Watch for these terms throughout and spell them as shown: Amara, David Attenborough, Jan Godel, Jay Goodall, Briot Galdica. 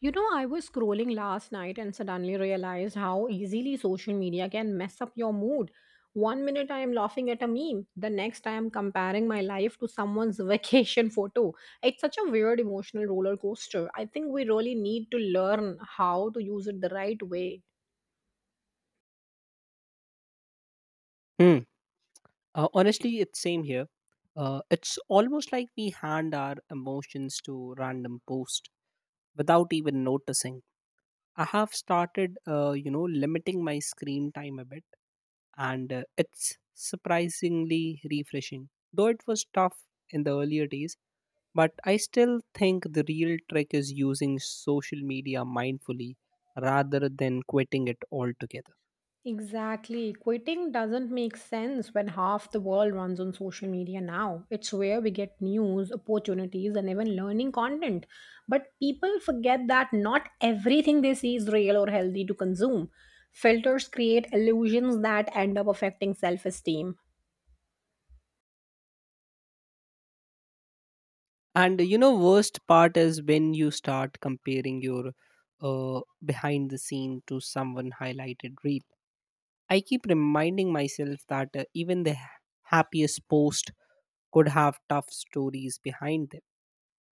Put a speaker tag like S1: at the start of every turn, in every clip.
S1: You know, I was scrolling last night and suddenly realized how easily social media can mess up your mood. One minute I am laughing at a meme, the next I am comparing my life to someone's vacation photo. It's such a weird emotional roller coaster. I think we really need to learn how to use it the right way.
S2: Hmm. Honestly, it's same here. It's almost like we hand our emotions to random post without even noticing. I have started, limiting my screen time a bit, and it's surprisingly refreshing. Though it was tough in the earlier days, but I still think the real trick is using social media mindfully rather than quitting it altogether.
S1: Exactly. Quitting doesn't make sense when half the world runs on social media now. It's where we get news, opportunities, and even learning content. But people forget that not everything they see is real or healthy to consume. Filters create illusions that end up affecting self esteem.
S2: And worst part is when you start comparing your behind the scene to someone highlighted reel. I keep reminding myself that even the happiest post could have tough stories behind them.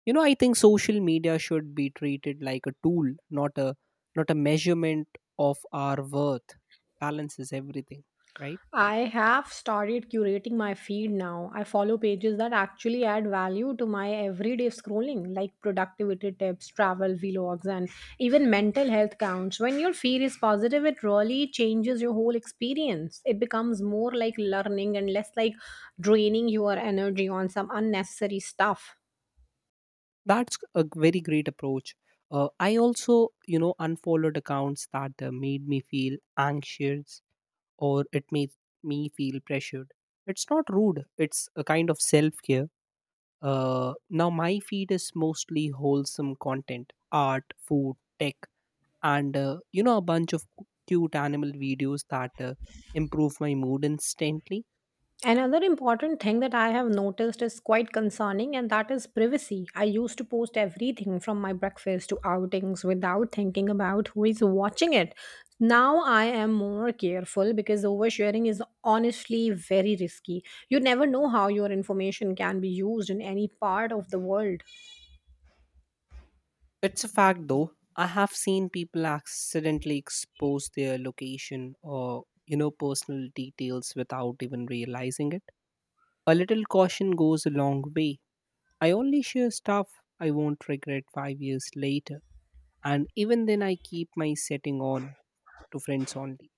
S2: I think social media should be treated like a tool, not a not a measurement of our worth. Balances everything, right?
S1: I have started curating my feed now. I follow pages that actually add value to my everyday scrolling, like productivity tips, travel vlogs, and even mental health counts. When your feed is positive, it really changes your whole experience. It becomes more like learning and less like draining your energy on some unnecessary stuff.
S2: That's a very great approach. I also, unfollowed accounts that made me feel anxious or it made me feel pressured. It's not rude, it's a kind of self care. Now, my feed is mostly wholesome content art, food, tech, and, a bunch of cute animal videos that improve my mood instantly.
S1: Another important thing that I have noticed is quite concerning, and that is privacy. I used to post everything from my breakfast to outings without thinking about who is watching it. Now I am more careful because oversharing is honestly very risky. You never know how your information can be used in any part of the world.
S2: It's a fact though. I have seen people accidentally expose their location or, personal details without even realizing it. A little caution goes a long way. I only share stuff I won't regret 5 years later. And even then, I keep my setting on to friends only.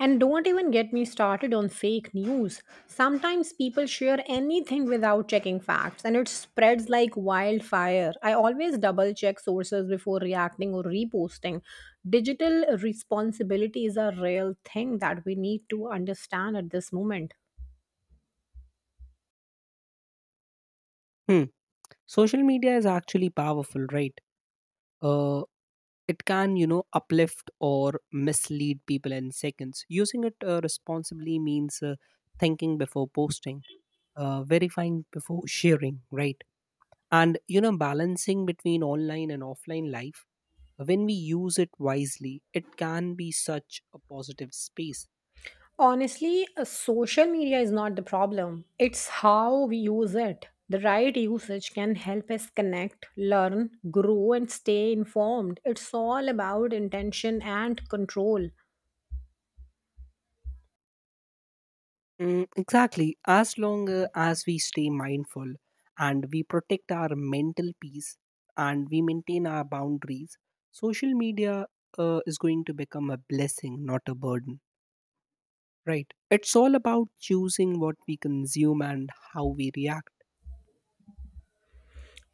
S1: And don't even get me started on fake news. Sometimes people share anything without checking facts and it spreads like wildfire. I always double check sources before reacting or reposting. Digital responsibility is a real thing that we need to understand at this moment.
S2: Hmm. Social media is actually powerful, right? Uh, it can, uplift or mislead people in seconds. Using it responsibly means thinking before posting. Verifying before sharing, right? And balancing between online and offline life, when we use it wisely, it can be such a positive space.
S1: Honestly, social media is not the problem. It's how we use it. The right usage can help us connect, learn, grow, and stay informed. It's all about intention and control.
S2: Mm, exactly. As long as we stay mindful and we protect our mental peace and we maintain our boundaries, social media is going to become a blessing, not a burden. Right. It's all about choosing what we consume and how we react.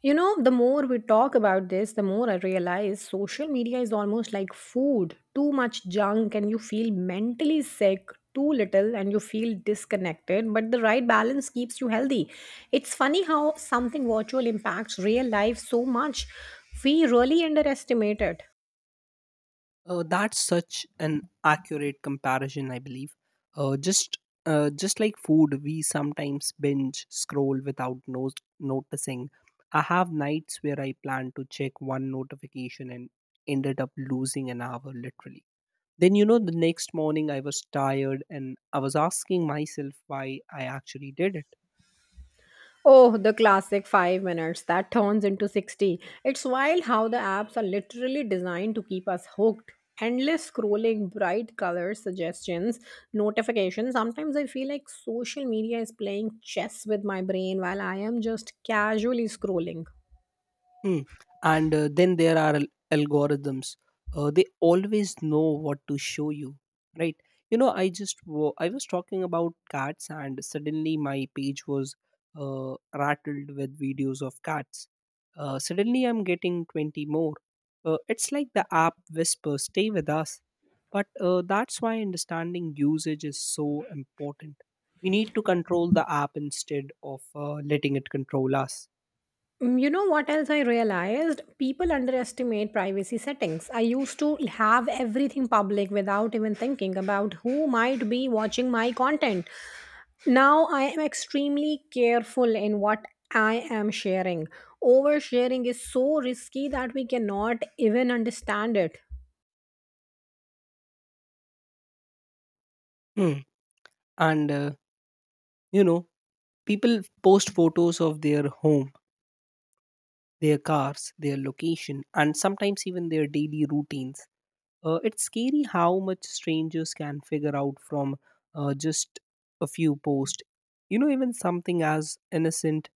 S1: You know, the more we talk about this, the more I realize social media is almost like food. Too much junk, and you feel mentally sick. Too little, and you feel disconnected. But the right balance keeps you healthy. It's funny how something virtual impacts real life so much. We really underestimate it.
S2: That's such an accurate comparison, I believe. Uh, just just like food, we sometimes binge scroll without noticing. I have nights where I plan to check one notification and ended up losing an hour literally. Then, the next morning I was tired and I was asking myself why I actually did it.
S1: Oh, the classic 5 minutes that turns into 60. It's wild how the apps are literally designed to keep us hooked. Endless scrolling, bright colors, suggestions, notifications. Sometimes I feel like social media is playing chess with my brain while I am just casually scrolling.
S2: Hmm. And then there are algorithms. They always know what to show you, right? I just I was talking about cats, and suddenly my page was rattled with videos of cats. Suddenly, I'm getting 20 more. It's like the app whispers, "Stay with us." But that's why understanding usage is so important. We need to control the app instead of letting it control us.
S1: Mm, you know what else I realized? People underestimate privacy settings. I used to have everything public without even thinking about who might be watching my content. Now I am extremely careful in what I am sharing. Oversharing is so risky that we cannot even understand it.
S2: Hmm. And You know, people post photos of their home, their cars, their location, and sometimes even their daily routines. It's scary how much strangers can figure out from just a few posts. Even something as innocent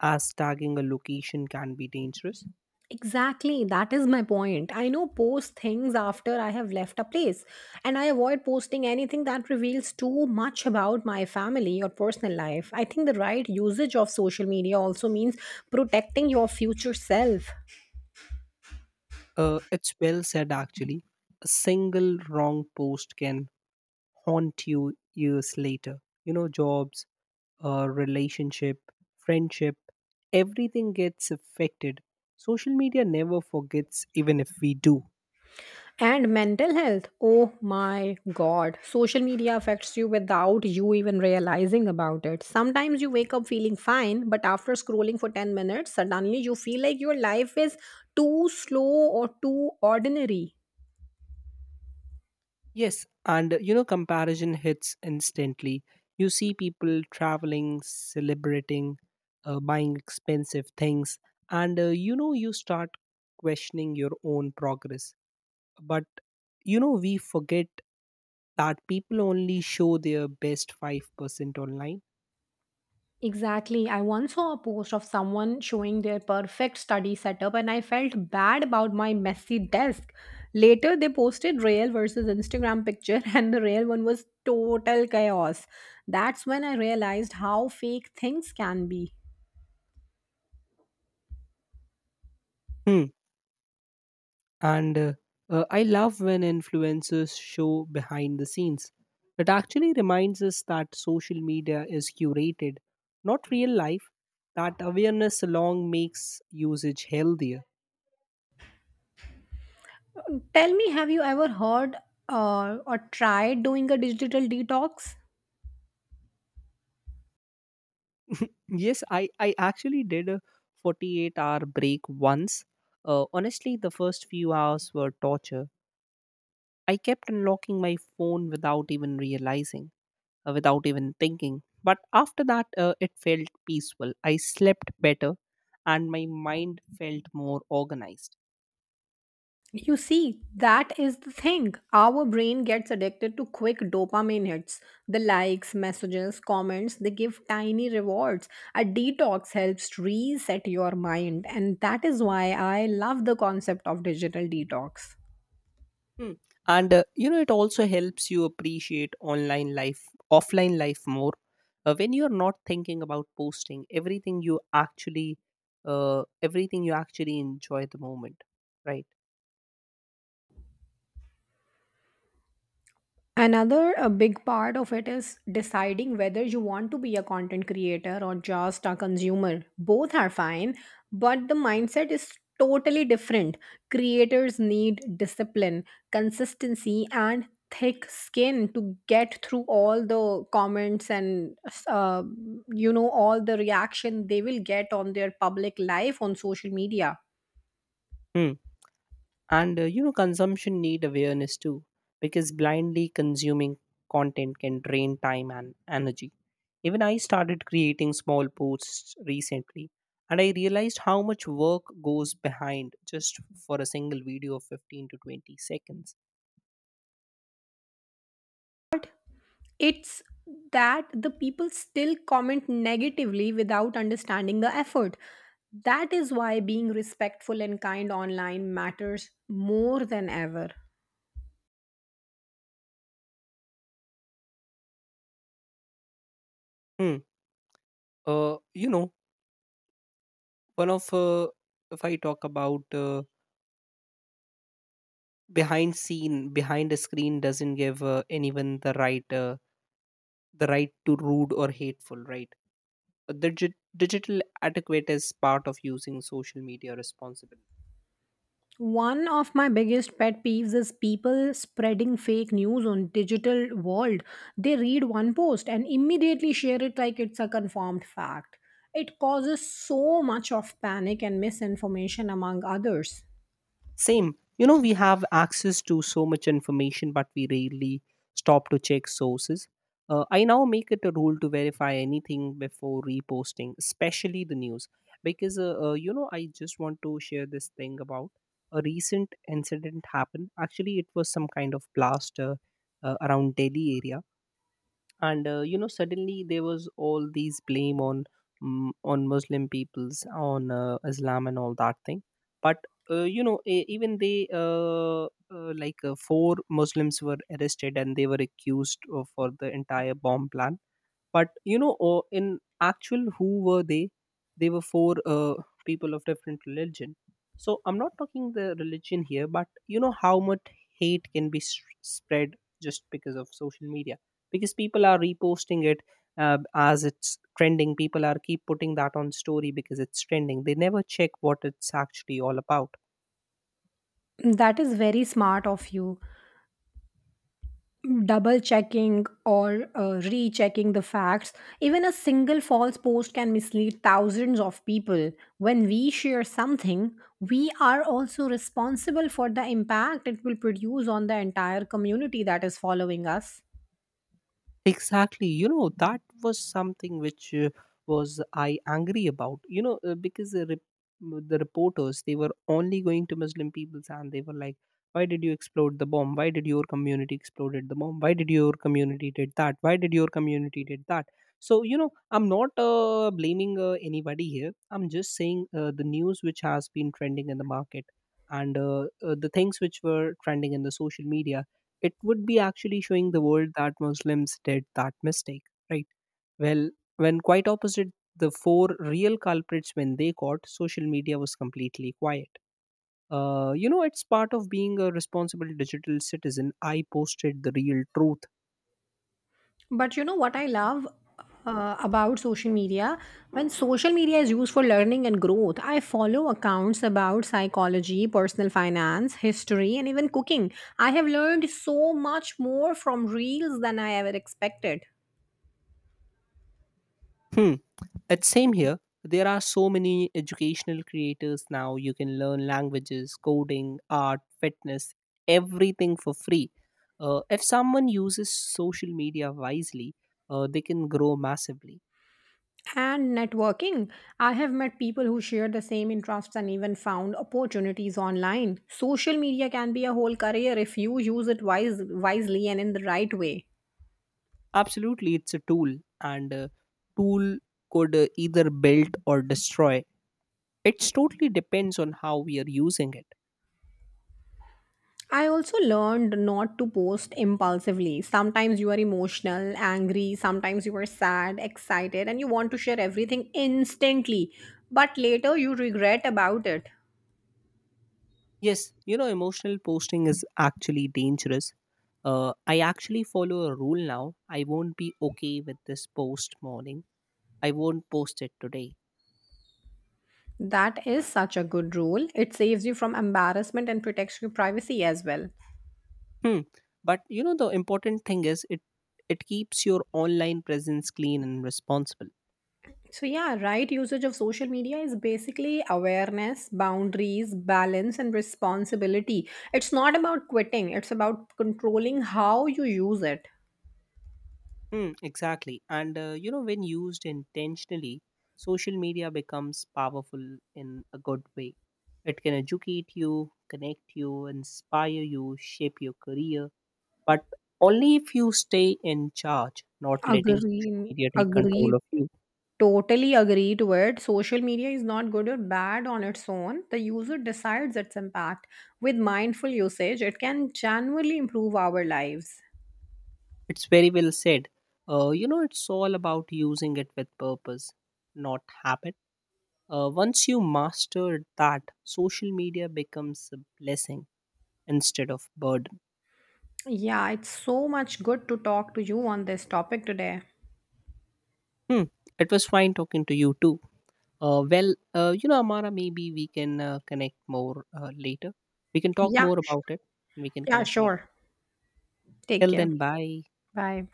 S2: as tagging a location can be dangerous.
S1: Exactly, that is my point. I know post things after I have left a place, and I avoid posting anything that reveals too much about my family or personal life. I think the right usage of social media also means protecting your future self.
S2: It's well said, actually. A single wrong post can haunt you years later. Jobs, relationship, friendship, everything gets affected. Social media never forgets, even if we do.
S1: And mental health. Oh my god. Social media affects you without you even realizing about it. Sometimes you wake up feeling fine, but after scrolling for 10 minutes, suddenly you feel like your life is too slow or too ordinary.
S2: Yes, and comparison hits instantly. You see people traveling, celebrating, buying expensive things, and you start questioning your own progress. But we forget that people only show their best 5% online.
S1: Exactly. I once saw a post of someone showing their perfect study setup and I felt bad about my messy desk. Later, they posted real versus Instagram picture and the real one was total chaos. That's when I realized how fake things can be.
S2: Hmm. And I love when influencers show behind the scenes. It actually reminds us that social media is curated, not real life. That awareness alone makes usage healthier.
S1: Tell me, have you ever heard or tried doing a digital detox?
S2: Yes, I actually did a 48-hour break once. Honestly, the first few hours were torture. I kept unlocking my phone without even realizing, without even thinking. But after that, it felt peaceful. I slept better, and my mind felt more organized.
S1: You see, that is the thing. Our brain gets addicted to quick dopamine hits. The likes, messages, comments, they give tiny rewards. A detox helps reset your mind, and that is why I love the concept of digital detox.
S2: Hmm. And it also helps you appreciate online life, offline life more. When you're not thinking about posting, everything you actually enjoy the moment, right?
S1: Another a big part of it is deciding whether you want to be a content creator or just a consumer. Both are fine, but the mindset is totally different. Creators need discipline, consistency, and thick skin to get through all the comments and uh, all the reaction they will get on their public life on social media.
S2: Hmm. And consumption need awareness too, because blindly consuming content can drain time and energy. Even I started creating small posts recently, and I realized how much work goes behind just for a single video of 15 to 20 seconds.
S1: It's that the people still comment negatively without understanding the effort. That is why being respectful and kind online matters more than ever.
S2: Hmm. You know one of If I talk about, behind scene behind a screen doesn't give anyone the right to rude or hateful, right? The digital adequate is part of using social media responsibly.
S1: One of my biggest pet peeves is people spreading fake news on digital world. They read one post and immediately share it like it's a confirmed fact. It causes so much of panic and misinformation among others.
S2: Same. We have access to so much information, but we rarely stop to check sources. I now make it a rule to verify anything before reposting, especially the news. Because I just want to share this thing about a recent incident happened. Actually, it was some kind of blast around Delhi area. And suddenly there was all these blame on, on Muslim peoples, on Islam and all that thing. But even they four Muslims were arrested and they were accused of, for the entire bomb plan. But in actual, who were they? They were four people of different religion. So I'm not talking the religion here, but you know how much hate can be spread just because of social media, because people are reposting it as it's trending. People are keep putting that on story because it's trending. They never check what it's actually all about.
S1: That is very smart of you double checking or rechecking the facts, even a single false post can mislead thousands of people. When we share something, we are also responsible for the impact it will produce on the entire community that is following us.
S2: Exactly. That was something which was I angry about. Because the reporters, they were only going to Muslim peoples, and they were like, why did you explode the bomb? Why did your community exploded the bomb? Why did your community did that? Why did your community did that? So, I'm not blaming anybody here. I'm just saying the news which has been trending in the market and the things which were trending in the social media, it would be actually showing the world that Muslims did that mistake, right? Well, when quite opposite, the four real culprits, when they caught, social media was completely quiet. It's part of being a responsible digital citizen. I posted the real truth.
S1: But you know what I love about social media? When social media is used for learning and growth, I follow accounts about psychology, personal finance, history, and even cooking. I have learned so much more from reels than I ever expected.
S2: Hmm. It's same here. There are so many educational creators now. You can learn languages, coding, art, fitness, everything for free. If someone uses social media wisely, they can grow massively.
S1: And networking. I have met people who share the same interests and even found opportunities online. Social media can be a whole career if you use it wisely and in the right way.
S2: Absolutely, it's a tool, and tool could either build or destroy. It totally depends on how we are using it.
S1: I also learned not to post impulsively. Sometimes you are emotional, angry, sometimes you are sad, excited, and you want to share everything instantly, but later you regret about it.
S2: Yes, emotional posting is actually dangerous. I actually follow a rule now. I won't be okay with this post morning. I won't post it today.
S1: That is such a good rule. It saves you from embarrassment and protects your privacy as well.
S2: Hmm. But you know the important thing is, it keeps your online presence clean and responsible.
S1: So, yeah, right usage of social media is basically awareness, boundaries, balance, and responsibility. It's not about quitting, it's about controlling how you use it.
S2: Hmm, exactly. And when used intentionally, social media becomes powerful in a good way. It can educate you, connect you, inspire you, shape your career. But only if you stay in charge, not letting social
S1: Agreed.
S2: media take control
S1: Agreed.
S2: of you.
S1: Totally agree to it. Social media is not good or bad on its own. The user decides its impact. With mindful usage, it can genuinely improve our lives.
S2: It's very well said. It's all about using it with purpose, not habit. Once you master that, social media becomes a blessing instead of burden.
S1: Yeah, it's so much good to talk to you on this topic today.
S2: Hmm. It was fine talking to you too. Well, Amara, maybe we can connect more later. We can talk
S1: Yeah,
S2: more about it and we can
S1: yeah,
S2: connect later.
S1: sure. Take
S2: Till
S1: care.
S2: then, bye.
S1: Bye.